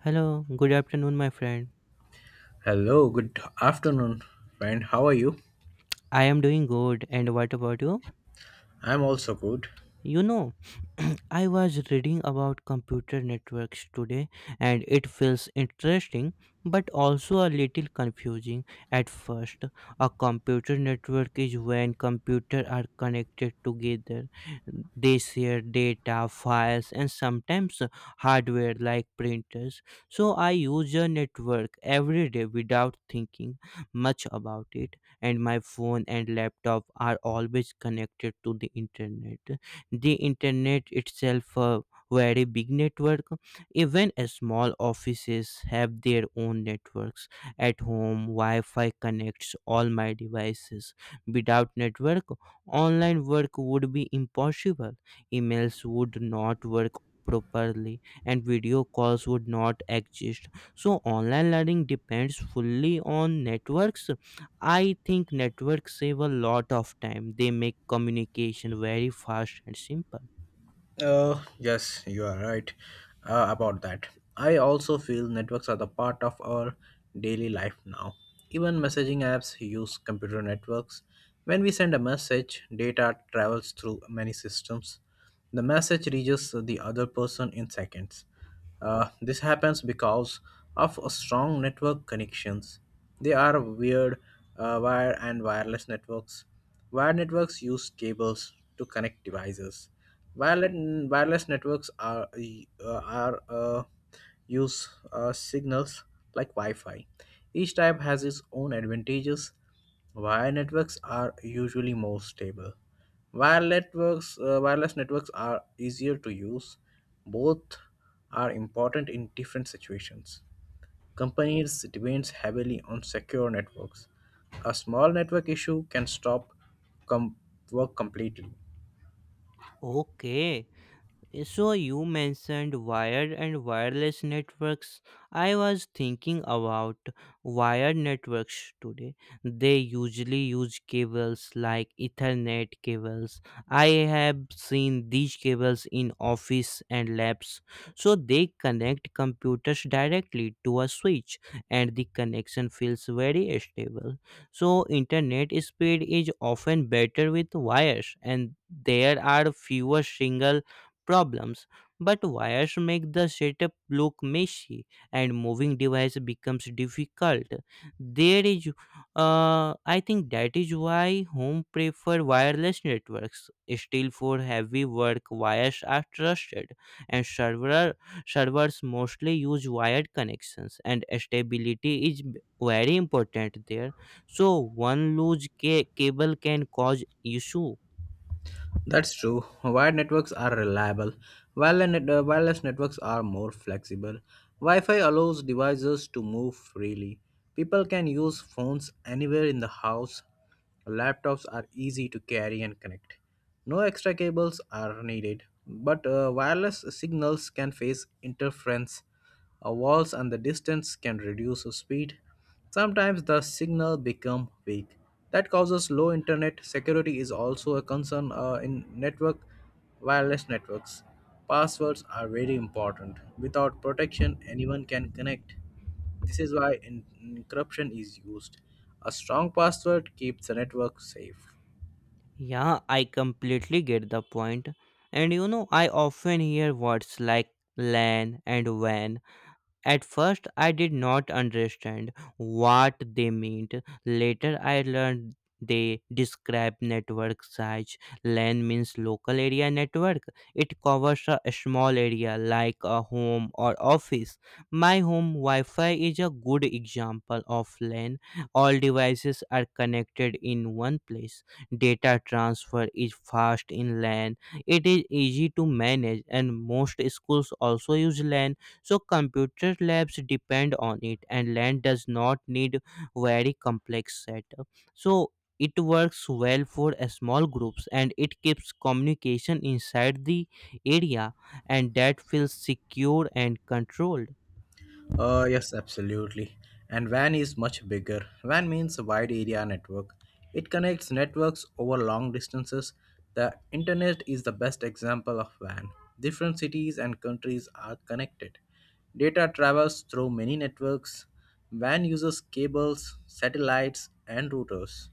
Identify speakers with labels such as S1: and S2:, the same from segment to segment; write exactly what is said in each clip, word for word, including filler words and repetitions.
S1: Hello, good afternoon, my friend.
S2: Hello, good afternoon, friend. How are you?
S1: I am doing good, and what about you?
S2: I'm also good.
S1: You know, I was reading about computer networks today and it feels interesting but also a little confusing at first. A computer network is when computers are connected together. They share data, files, and sometimes hardware like printers. So I use a network every day without thinking much about it, and my phone and laptop are always connected to the internet. The internet itself a very big network. Even small offices have their own networks. At home, wi-fi connects all my devices. Without network, online work would be impossible. Emails would not work properly, and video calls would not exist. So online learning depends fully on networks. I think networks save a lot of time. They make communication very fast and simple.
S2: Uh, yes, you are right uh, about that. I also feel networks are the part of our daily life now. Even messaging apps use computer networks. When we send a message, data travels through many systems. The message reaches the other person in seconds. Uh, this happens because of a strong network connections. They are weird uh, wire and wireless networks. Wire networks use cables to connect devices. Wireless, Wireless networks are uh, are uh, use uh, signals like Wi-Fi. Each type has its own advantages. Wire networks are usually more stable. Wire networks, uh, wireless networks are easier to use. Both are important in different situations. Companies depend heavily on secure networks. A small network issue can stop com- work completely.
S1: Okay. So you mentioned wired and wireless networks. I was thinking about wired networks today. They usually use cables like Ethernet cables. I have seen these cables in office and labs. So they connect computers directly to a switch, and the connection feels very stable. So internet speed is often better with wires and there are fewer single problems, but wires make the setup look messy and moving device becomes difficult. There is, uh, I think that is why home prefer wireless networks. Still, for heavy work, wires are trusted, and server servers mostly use wired connections, and stability is b- very important there. So one loose ca- cable can cause issue.
S2: That's true. Wired networks are reliable. Wireless net- uh, wireless networks are more flexible. Wi Fi allows devices to move freely. People can use phones anywhere in the house. Laptops are easy to carry and connect. No extra cables are needed, but uh, wireless signals can face interference uh, walls and the distance can reduce speed. Sometimes the signal become weak. That causes low internet. Security is also a concern uh, in network wireless networks. Passwords are very important. Without protection, anyone can connect. This is why en- encryption is used. A strong password keeps the network safe.
S1: Yeah, I completely get the point. And you know, I often hear words like LAN and W A N. At first, I did not understand what they meant. Later, I learned they describe network size. LAN means local area network. It covers a small area like a home or office. My home Wi-Fi is a good example of LAN. All devices are connected in one place. Data transfer is fast in LAN. It is easy to manage, and most schools also use LAN. So computer labs depend on it, and land does not need very complex setup. So it works well for a small groups, and it keeps communication inside the area, and that feels secure and controlled.
S2: Uh, yes, absolutely. And WAN is much bigger. WAN means wide area network. It connects networks over long distances. The internet is the best example of WAN. Different cities and countries are connected. Data travels through many networks. WAN uses cables, satellites, and routers.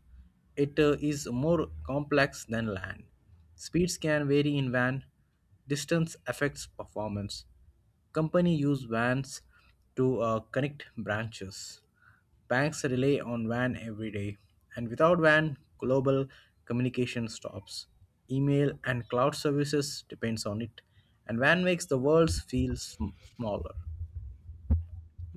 S2: It uh, is more complex than LAN. Speeds can vary in WAN. Distance affects performance. Company use vans to uh, connect branches. Banks rely on van every day, and without van, global communication stops. Email and cloud services depends on it, and van makes the world feel sm- smaller.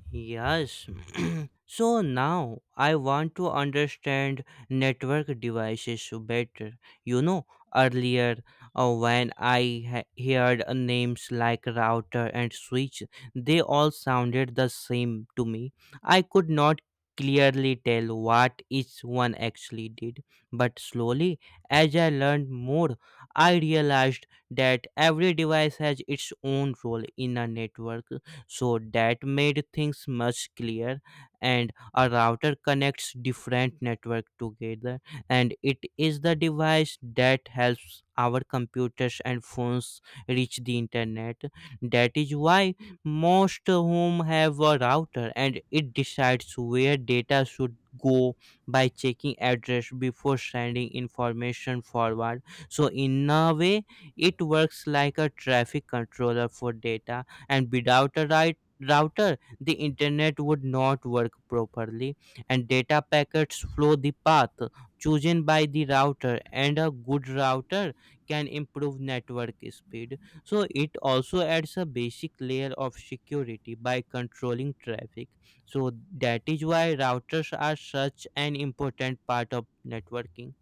S1: Yes. So now I want to understand network devices better. You know, earlier, uh, when I ha- heard uh, names like router and switch, they all sounded the same to me. I could not clearly tell what each one actually did. But slowly, as I learned more, I realized that every device has its own role in a network. So that made things much clearer. And a router connects different network together, and it is the device that helps our computers and phones reach the internet. That is why most home have a router, and it decides where data should go by checking address before sending information forward. So in a way, it works like a traffic controller for data, and without a right router, the internet would not work properly. And data packets flow the path chosen by the router, and a good router can improve network speed. So it also adds a basic layer of security by controlling traffic. So that is why routers are such an important part of networking,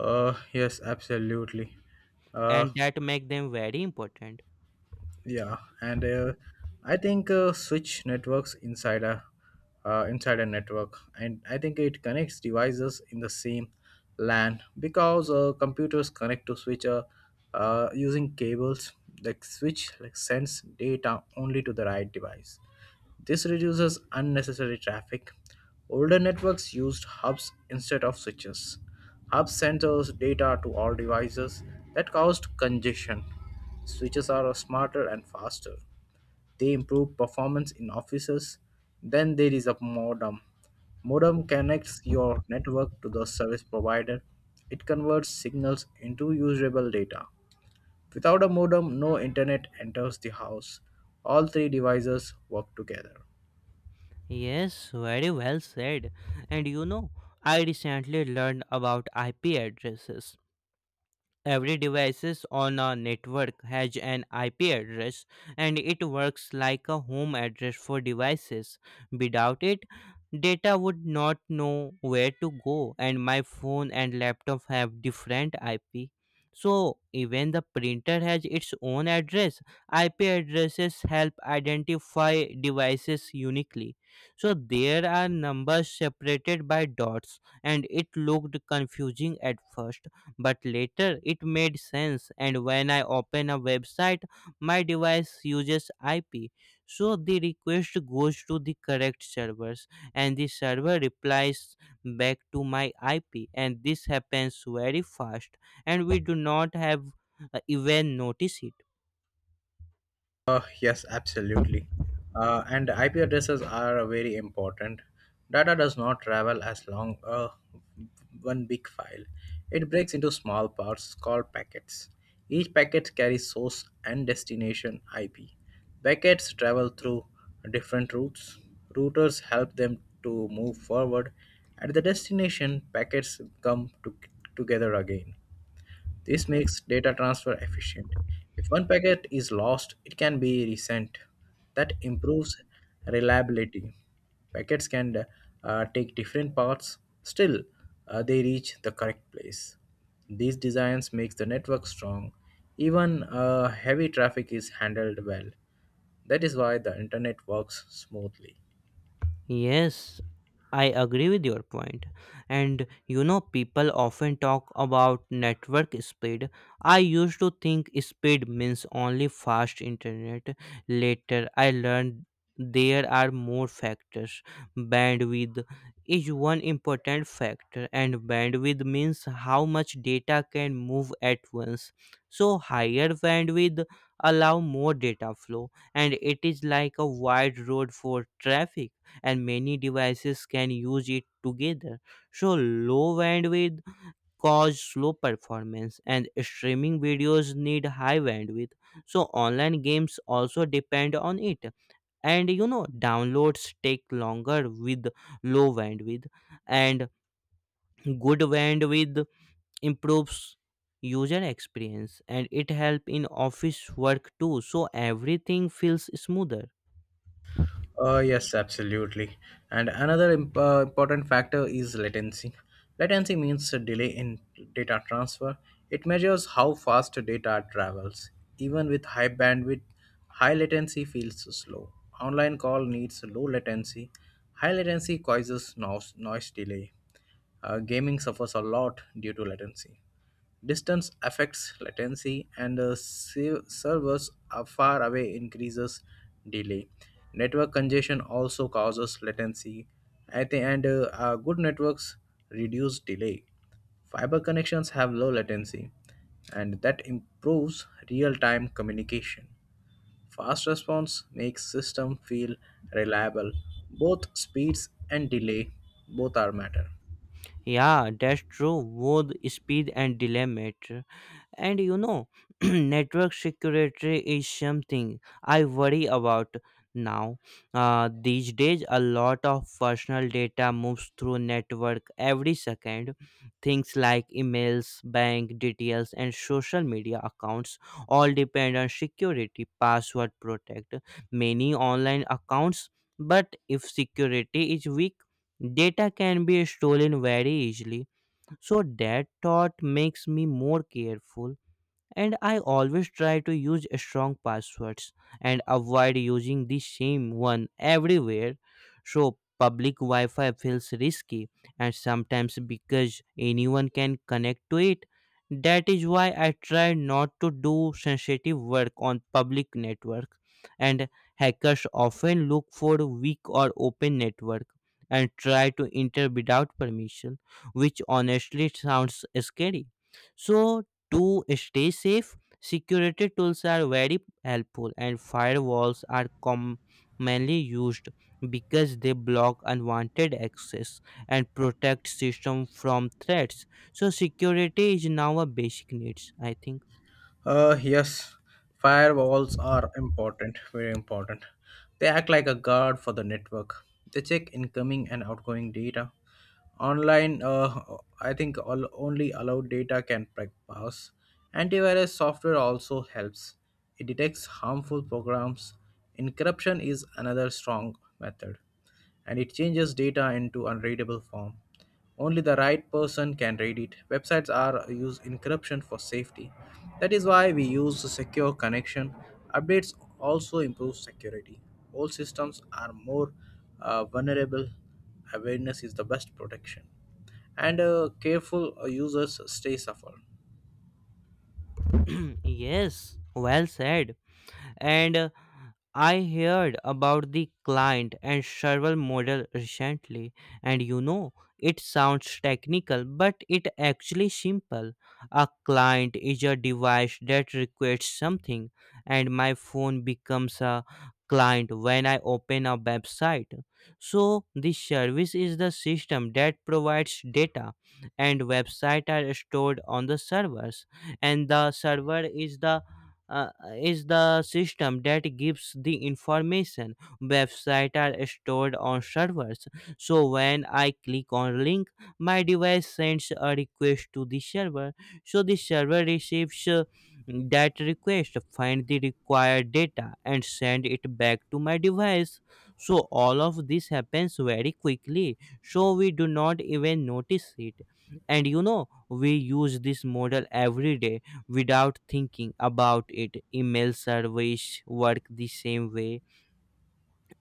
S2: Uh, yes, absolutely. Uh,
S1: and that make them very important.
S2: Yeah, and uh, I think uh, switch networks inside a uh, inside a network, and I think it connects devices in the same LAN because uh, computers connect to switch uh, uh, using cables. The switch like sends data only to the right device, this reduces unnecessary traffic. Older networks used hubs instead of switches. Hubs sent those data to all devices that caused congestion. Switches are smarter and faster. They improve performance in offices. Then there is a modem. Modem connects your network to the service provider. It converts signals into usable data. Without a modem, no internet enters the house. All three devices work together.
S1: Yes, very well said. And you know, I recently learned about I P addresses. Every devices on a network has an I P address, and it works like a home address for devices. Without it, data would not know where to go, and my phone and laptop have different I P. So even the printer has its own address. I P addresses help identify devices uniquely. So there are numbers separated by dots, and it looked confusing at first but later it made sense. And when I open a website, my device uses I P. So the request goes to the correct servers, and the server replies back to my I P. And this happens very fast, and we do not have uh, even notice it.
S2: Uh, yes, absolutely. Uh, and I P addresses are very important. Data does not travel as long uh, one big file. It breaks into small parts called packets. Each packet carries source and destination I P. Packets travel through different routes. Routers help them to move forward. At the destination, packets come to- together again. This makes data transfer efficient. If one packet is lost, it can be resent. That improves reliability. Packets can uh, take different paths, still uh, they reach the correct place. These designs makes the network strong. Even uh, heavy traffic is handled well. That is why the internet works smoothly.
S1: Yes, I agree with your point. And you know, people often talk about network speed. I used to think speed means only fast internet. Later, I learned there are more factors. Bandwidth is one important factor, and bandwidth means how much data can move at once. So higher bandwidth allow more data flow, and it is like a wide road for traffic, and many devices can use it together. So low bandwidth cause slow performance, and streaming videos need high bandwidth. So online games also depend on it. And you know, downloads take longer with low bandwidth, and good bandwidth improves user experience, and it help in office work too, so everything feels smoother.
S2: Uh, yes, absolutely. And another imp- uh, important factor is latency. Latency means a delay in data transfer. It measures how fast data travels. Even with high bandwidth, high latency feels slow. Online call needs low latency. High latency causes noise, noise delay. Uh, gaming suffers a lot due to latency. Distance affects latency, and uh, se- servers are far away increases delay. Network congestion also causes latency. At the end, uh, uh, good networks reduce delay. Fiber connections have low latency, and that improves real-time communication. Fast response makes system feel reliable. Both speeds and delay both are matter.
S1: Yeah, that's true, both speed and delay matter. And you know, network security is something I worry about now. Uh, these days, a lot of personal data moves through network every second. Things like emails, bank details, and social media accounts all depend on security. Password protect many online accounts. But if security is weak, data can be stolen very easily. So that thought makes me more careful, and I always try to use strong passwords and avoid using the same one everywhere. So public Wi-Fi feels risky and sometimes because anyone can connect to it. That is why I try not to do sensitive work on public network. And hackers often look for weak or open network and try to enter without permission, which honestly sounds scary. So to stay safe, security tools are very helpful, and firewalls are commonly used because they block unwanted access and protect system from threats. So security is now a basic needs, I think.
S2: Uh, yes, firewalls are important, very important. They act like a guard for the network. They check incoming and outgoing data. Online, uh, I think all, only allowed data can pre- pass. Antivirus software also helps. It detects harmful programs. Encryption is another strong method and it changes data into unreadable form. Only the right person can read it. Websites are use encryption for safety. That is why we use secure connection. Updates also improve security. Old systems are more uh, vulnerable. Awareness is the best protection. And uh, careful users stay safer.
S1: Yes, well said. and uh, I heard about the client and server model recently, and you know, it sounds technical, but it actually simple. A client is a device that requests something, and my phone becomes a client when I open a website. So the service is the system that provides data, and website are stored on the servers, and the server is the uh, is the system that gives the information. Websites are stored on servers. So when I click on link, my device sends a request to the server. So the server receives uh, that request, find the required data, and send it back to my device. So all of this happens very quickly, so we do not even notice it. And you know, we use this model every day without thinking about it. Email servers work the same way,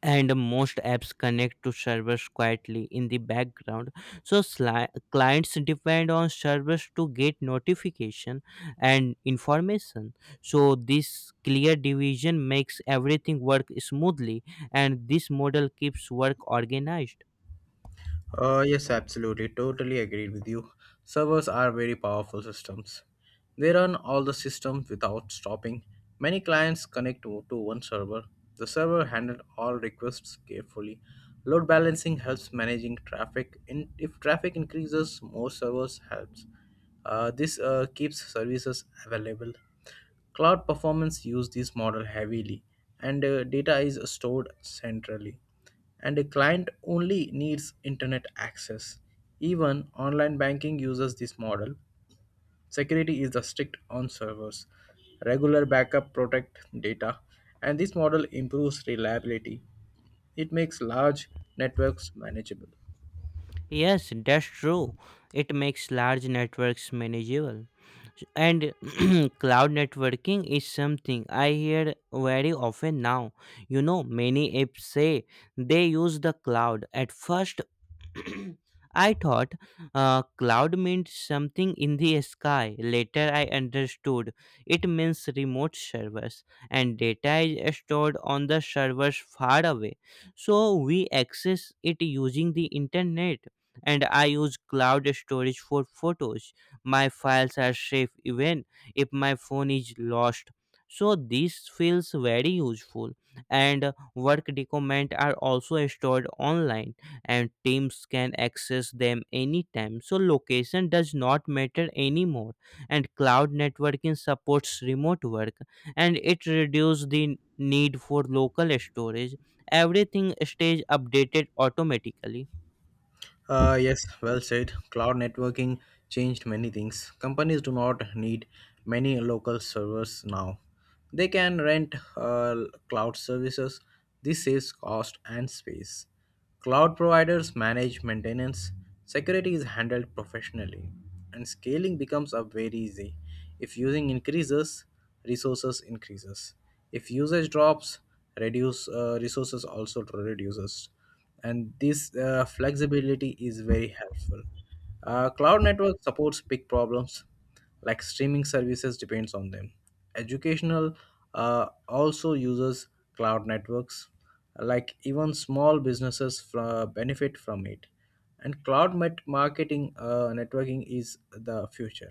S1: and most apps connect to servers quietly in the background. So sli- clients depend on servers to get notification and information. So this clear division makes everything work smoothly, and this model keeps work organized.
S2: Uh, yes, absolutely. Totally agreed with you. Servers are very powerful systems. They run all the systems without stopping. Many clients connect to, to one server. The server handles all requests carefully. Load balancing helps managing traffic. In, if traffic increases, more servers helps. Uh, this uh, keeps services available. Cloud performance use this model heavily, and uh, data is stored centrally. And a client only needs internet access. Even online banking uses this model. Security is the strict on servers. Regular backup protect data, and this model improves reliability. It makes large networks manageable.
S1: Yes, that's true. It makes large networks manageable. And cloud networking is something I hear very often now. You know, many apps say they use the cloud. At first, I thought uh, cloud meant something in the sky. Later, I understood it means remote servers, and data is stored on the servers far away. So we access it using the internet. And I use cloud storage for photos. My files are safe even if my phone is lost. So this feels very useful. And work documents are also stored online, and teams can access them anytime. So location does not matter anymore. And cloud networking supports remote work, and it reduces the need for local storage. Everything stays updated automatically.
S2: Uh, yes, well said. Cloud networking changed many things. Companies do not need many local servers now. They can rent uh, cloud services. This saves cost and space. Cloud providers manage maintenance. Security is handled professionally. And scaling becomes a very easy. If using increases, resources increases. If usage drops, reduce uh, resources also reduces and this uh, flexibility is very helpful. Uh, cloud network supports big problems like streaming services depends on them. Educational uh, also uses cloud networks like even small businesses fr- benefit from it and cloud met- marketing uh, networking is the future.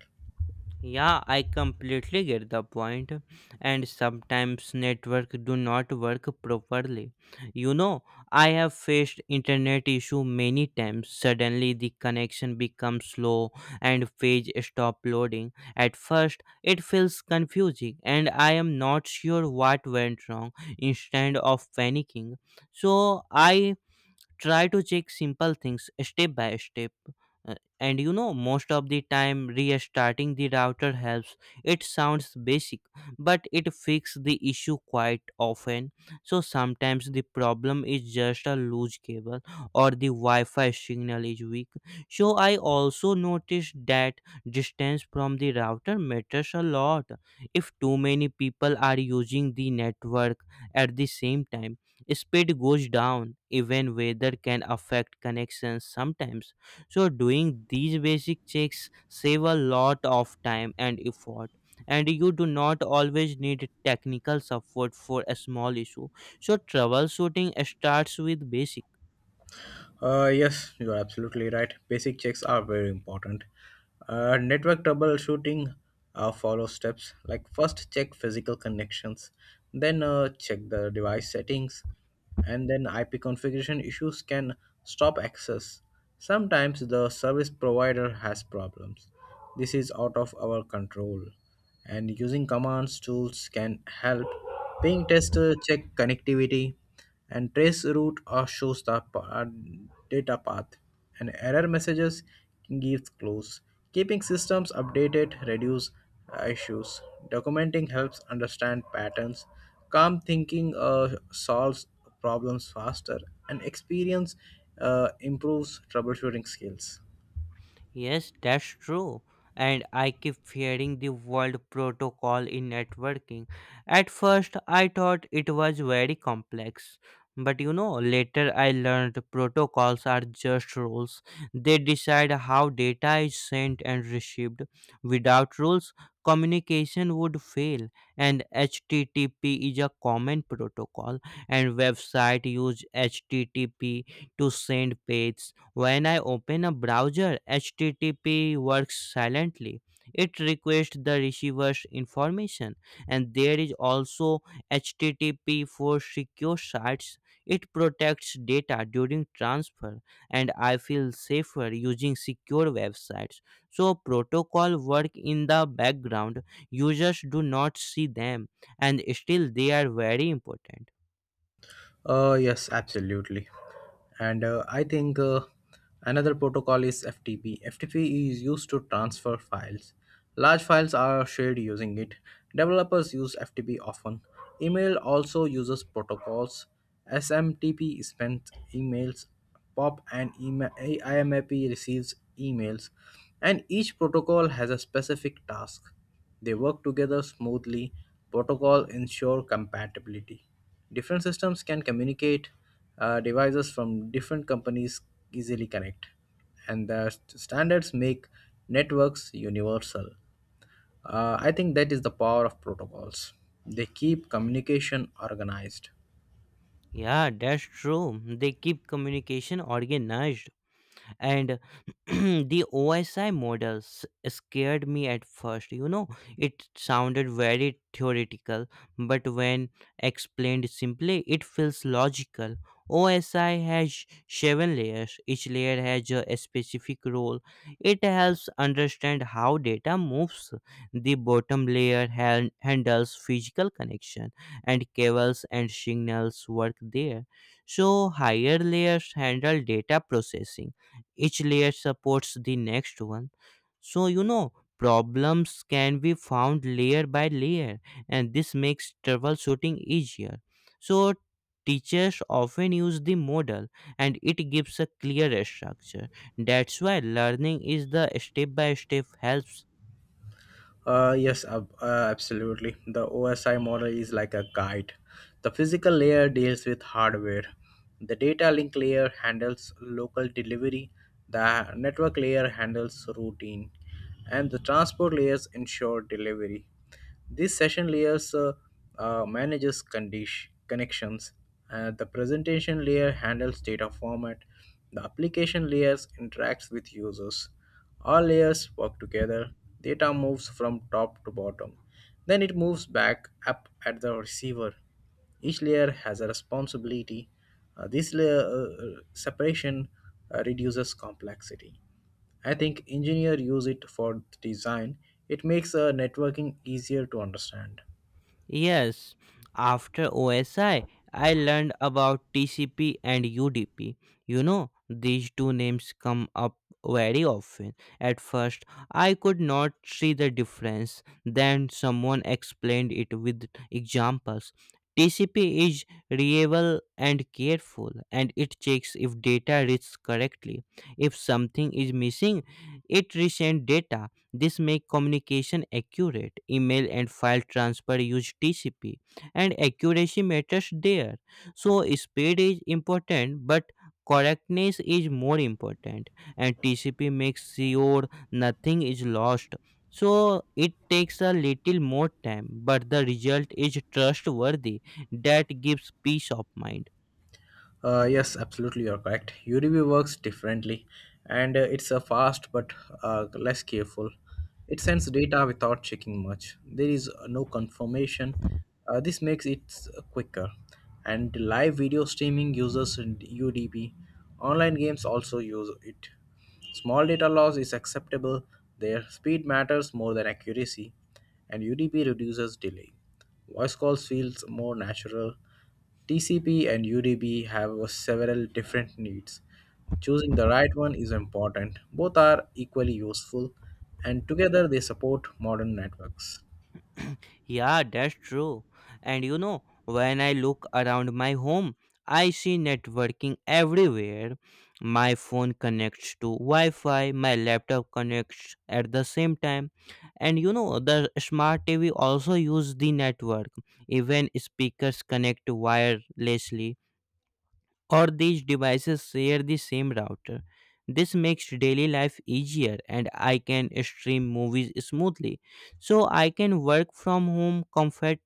S1: Yeah, I completely get the point. And sometimes network do not work properly. You know, I have faced internet issue many times. Suddenly the connection becomes slow and page stop loading. At first, it feels confusing and I am not sure what went wrong instead of panicking. So I try to check simple things step by step. Uh, and you know, most of the time restarting the router helps. It sounds basic, but it fixes the issue quite often. So sometimes the problem is just a loose cable or the wi-fi signal is weak. So I also noticed that distance from the router matters a lot. If too many people are using the network at the same time, speed goes down. Even weather can affect connections sometimes. So doing these basic checks save a lot of time and effort, and you do not always need technical support for a small issue. So troubleshooting starts with basic.
S2: Uh, yes, you are absolutely right. Basic checks are very important. Uh, network troubleshooting uh, follows steps like first check physical connections, then uh, check the device settings, and then I P configuration issues can stop access. Sometimes the service provider has problems. This is out of our control, and using commands tools can help. Ping tester check connectivity and trace route uh, shows the pa- uh, data path and error messages gives clues. Keeping systems updated reduce uh, issues. Documenting helps understand patterns. Calm thinking uh, solves problems faster and experience uh, improves troubleshooting skills.
S1: Yes, that's true. And I keep fearing the world protocol in networking. At first, I thought it was very complex. But you know, later I learned protocols are just rules. They decide how data is sent and received. Without rules, communication would fail. And H T T P is a common protocol, and website use H T T P to send page. When I open a browser, H T T P works silently. It requests the receiver's information, and there is also H T T P for secure sites. It protects data during transfer, and I feel safer using secure websites. So protocol work in the background. Users do not see them, and still they are very important.
S2: Uh, yes, absolutely. And uh, I think uh, another protocol is F T P. F T P is used to transfer files. Large files are shared using it. Developers use F T P often. Email also uses protocols. S M T P sends emails. POP and email, IMAP receives emails. And each protocol has a specific task. They work together smoothly. Protocol ensure compatibility. Different systems can communicate, uh, devices from different companies easily connect, and the st- standards make networks universal. Uh, I think that is the power of protocols. They keep communication organized.
S1: Yeah, that's true. They keep communication organized. And The OSI models scared me at first, you know. It sounded very theoretical, but when explained simply, it feels logical. OSI has seven layers. Each layer has a specific role. It helps understand how data moves. The bottom layer han- handles physical connection, and cables and signals work there. So higher layers handle data processing. Each layer supports the next one. So, you know, problems can be found layer by layer, and this makes troubleshooting easier. So teachers often use the model, and it gives a clear structure. That's why learning is the step by step helps.
S2: Uh, yes, ab- uh, absolutely. The O S I model is like a guide. The physical layer deals with hardware. The data link layer handles local delivery. The network layer handles routing. And the transport layers ensure delivery. These session layers uh, uh, manages condition, connections. Uh, the presentation layer handles data format. The application layers interacts with users. All layers work together. Data moves from top to bottom. Then it moves back up at the receiver. Each layer has a responsibility. Uh, this layer uh, uh, separation uh, reduces complexity. I think engineers use it for design. It makes uh, networking easier to understand.
S1: Yes, after O S I, I I learned about T C P and U D P. You know, these two names come up very often. At first, I could not see the difference. Then someone explained it with examples. T C P is reliable and careful, and it checks if data reads correctly. If something is missing, it resends data. This make communication accurate. Email and file transfer use T C P, and accuracy matters there. So speed is important, but correctness is more important, and T C P makes sure nothing is lost. So it takes a little more time, but the result is trustworthy. That gives peace of mind.
S2: Uh, yes, absolutely, you're correct. U D B works differently, and uh, it's a fast but uh, less careful. It sends data without checking much. There is uh, no confirmation. Uh, this makes it uh, quicker. And live video streaming uses U D P. Online games also use it. Small data loss is acceptable. Their speed matters more than accuracy, and U D P reduces delay. Voice calls feels more natural. T C P and U D P have several different needs. Choosing the right one is important. Both are equally useful, and together they support modern networks.
S1: Yeah, that's true. And you know, when I look around my home, I see networking everywhere. My phone connects to Wi Fi, my laptop connects at the same time. And you know, the smart T V also use the network. Even speakers connect wirelessly, or these devices share the same router. This makes daily life easier, and I can stream movies smoothly. So I can work from home comfort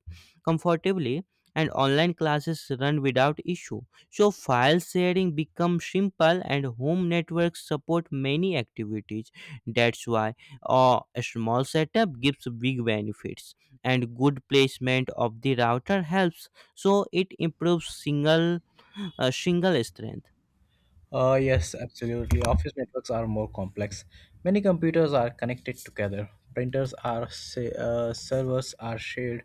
S1: comfortably, and online classes run without issue. So file sharing becomes simple, and home networks support many activities. That's why uh, a small setup gives big benefits, and good placement of the router helps, so it improves single a single strength.
S2: Uh, yes, absolutely. Office networks are more complex. Many computers are connected together. Printers are sa- uh, servers are shared.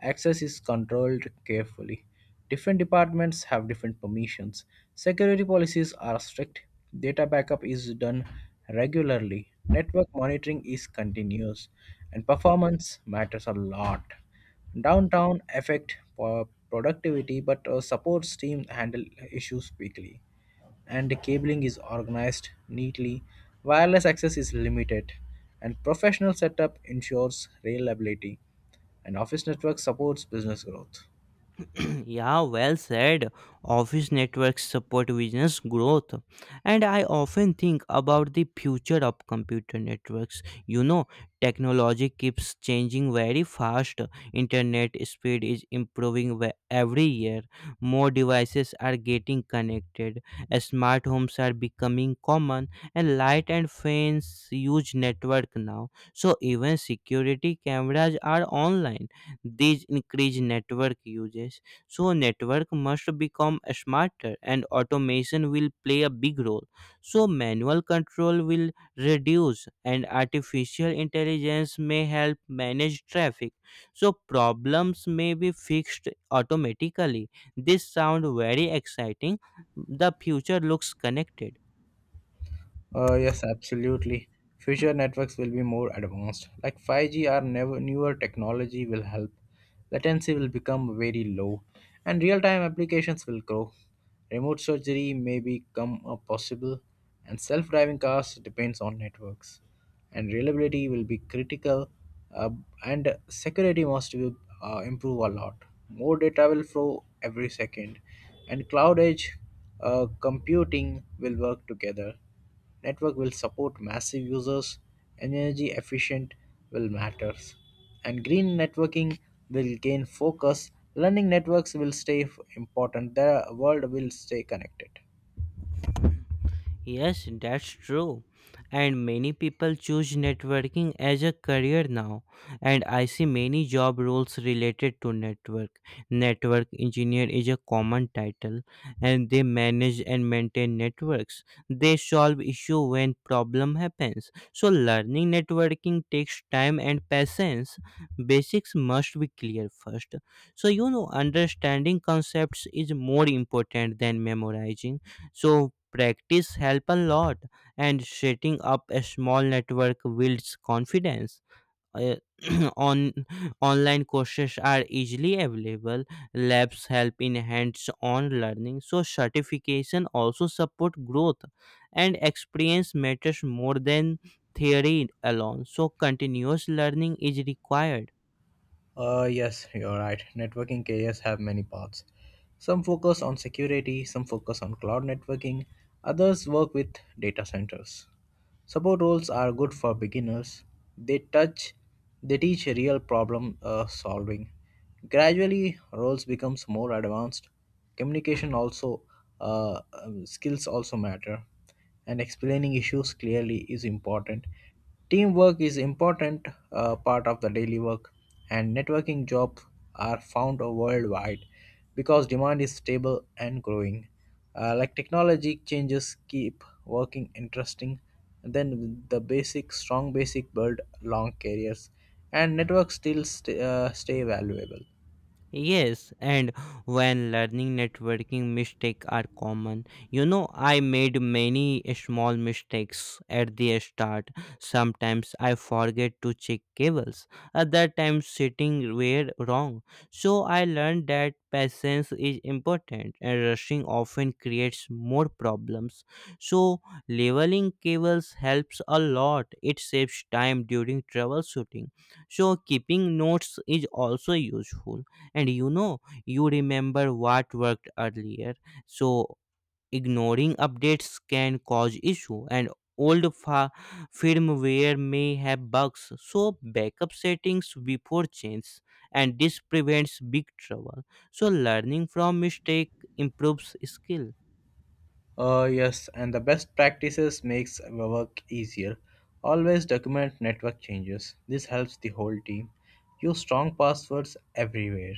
S2: Access is controlled carefully. Different departments have different permissions. Security policies are strict. Data backup is done regularly. Network monitoring is continuous, and performance matters a lot. Downtown affect uh, productivity, but uh, supports team handle issues quickly and the cabling is organized neatly, wireless access is limited, and professional setup ensures reliability, and office network supports business growth.
S1: Yeah, well said. Office networks support business growth. And I often think about the future of computer networks. You know, technology keeps changing very fast. Internet speed is improving ve- every year. More devices are getting connected. Smart homes are becoming common. And light and fans use network now. So even security cameras are online. These increase network usage, so network must become smarter, and automation will play a big role. So manual control will reduce, and artificial intelligence may help manage traffic. So problems may be fixed automatically. This sound very exciting. The future looks connected.
S2: Uh, yes, absolutely. Future networks will be more advanced. Like five G or never newer technology will help. Latency will become very low, and real-time applications will grow. Remote surgery may become a possible, and self-driving cars depends on networks. And reliability will be critical, uh, and security must be, uh, improve a lot. More data will flow every second, and cloud edge uh, computing will work together. Network will support massive users, energy efficient will matters, and green networking will gain focus. Learning networks will stay f- important. The world will stay connected.
S1: Yes, that's true. And many people choose networking as a career now. And I see many job roles related to network. Network engineer is a common title, and they manage and maintain networks. They solve issue when problem happens. So learning networking takes time and patience. Basics must be clear first. So, you know, understanding concepts is more important than memorizing. So practice help a lot, and setting up a small network builds confidence. Uh, on Online courses are easily available. Labs help in hands-on learning, so certification also support growth, and experience matters more than theory alone. So continuous learning is required.
S2: Uh, yes, you're right. Networking careers have many paths. Some focus on security, some focus on cloud networking, others work with data centers. Support roles are good for beginners. They touch they teach real problem uh, solving. Gradually roles becomes more advanced. Communication also uh, um, skills also matter and explaining issues clearly is important. Teamwork is important uh, part of the daily work and networking jobs are found worldwide because demand is stable and growing. Uh, like technology changes keep working interesting, then the basic strong basic build long careers, and networks still st- uh, stay valuable.
S1: Yes, and when learning networking, mistakes are common. You know, I made many small mistakes at the start. Sometimes I forget to check cables, other times sitting were wrong. So I learned that patience is important, and rushing often creates more problems. So leveling cables helps a lot. It saves time during troubleshooting. So keeping notes is also useful, and you know, you remember what worked earlier. So ignoring updates can cause issue, and old fa- firmware may have bugs. So backup settings before change, and this prevents big trouble. So learning from mistake improves skill.
S2: Uh, yes, and the best practices makes our work easier. Always document network changes. This helps the whole team. Use strong passwords everywhere.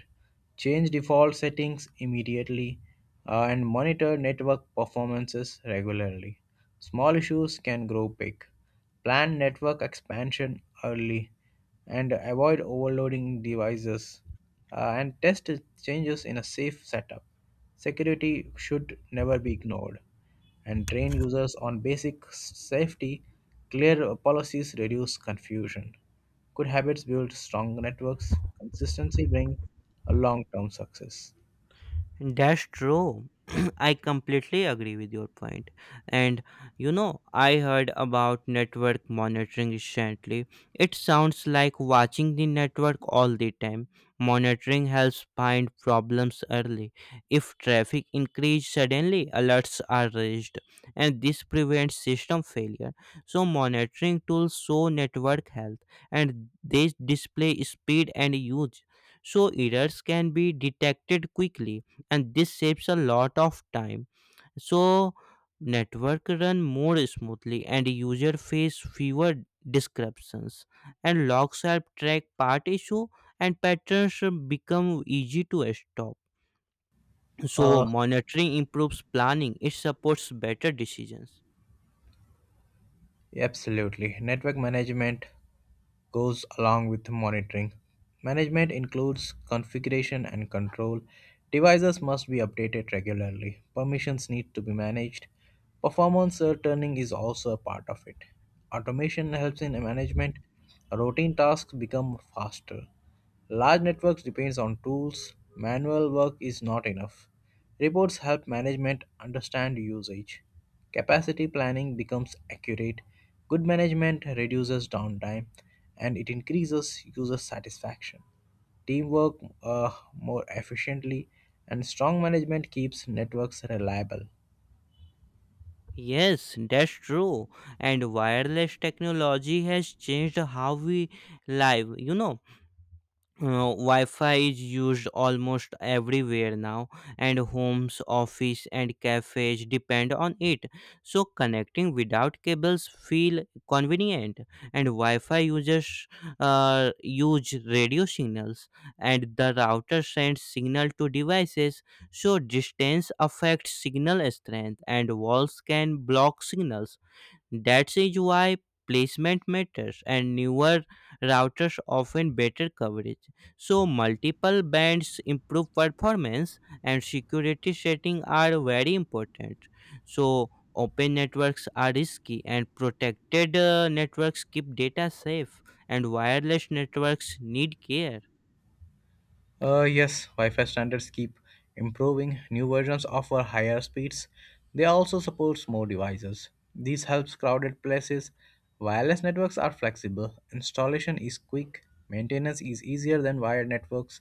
S2: Change default settings immediately uh, and monitor network performances regularly. Small issues can grow big. Plan network expansion early and avoid overloading devices uh, and test changes in a safe setup. Security should never be ignored and train users on basic safety. Clear policies reduce confusion. Good habits build strong networks. Consistency bring a long-term success.
S1: That's true. I completely agree with your point. And you know, I heard about network monitoring recently. It sounds like watching the network all the time. Monitoring helps find problems early. If traffic increases suddenly, alerts are raised, and this prevents system failure. So, monitoring tools show network health, and they display speed and use. So, errors can be detected quickly, and this saves a lot of time, so network run more smoothly, and user face fewer disruptions, and logs help track part issue, and patterns become easy to stop. So monitoring improves planning. It supports better decisions.
S2: Absolutely. Network management goes along with monitoring. Management includes configuration and control. Devices must be updated regularly. Permissions need to be managed. Performance uh, tuning is also a part of it. Automation helps in management. Routine tasks become faster. Large networks depends on tools. Manual work is not enough. Reports help management understand usage. Capacity planning becomes accurate. Good management reduces downtime and it increases user satisfaction. Teamwork uh, more efficiently and strong management keeps networks reliable.
S1: Yes, that's true. And wireless technology has changed how we live, you know. uh, Wi-Fi is used almost everywhere now, and homes, office, and cafes depend on it. So connecting without cables feel convenient, and Wi-Fi users uh, use radio signals, and the router sends signal to devices. So distance affects signal strength, and walls can block signals. That is is why placement matters, and newer routers often better coverage. So multiple bands improve performance, and security settings are very important. So open networks are risky, and protected uh, networks keep data safe, and wireless networks need care.
S2: Uh, yes, Wi Fi standards keep improving. New versions offer higher speeds. They also support more devices. This helps crowded places. Wireless networks are flexible. Installation is quick. Maintenance is easier than wired networks.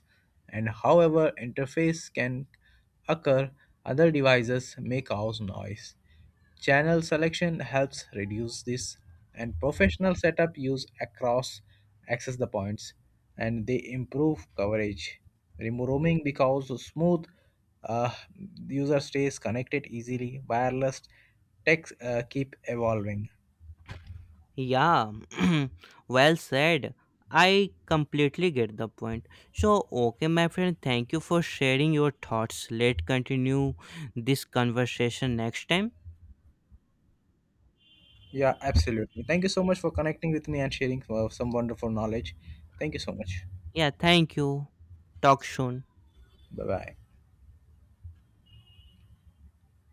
S2: And however, interface can occur, other devices may cause noise. Channel selection helps reduce this, and professional setup use across access the points, and they improve coverage. Remove roaming because smooth uh, user stays connected easily. Wireless tech uh, keep evolving.
S1: Yeah, well said. I completely get the point. So, okay, my friend, thank you for sharing your thoughts. Let's continue this conversation next time.
S2: Yeah, absolutely. Thank you so much for connecting with me and sharing uh, some wonderful knowledge. Thank you so much.
S1: Yeah, thank you. Talk soon.
S2: Bye bye.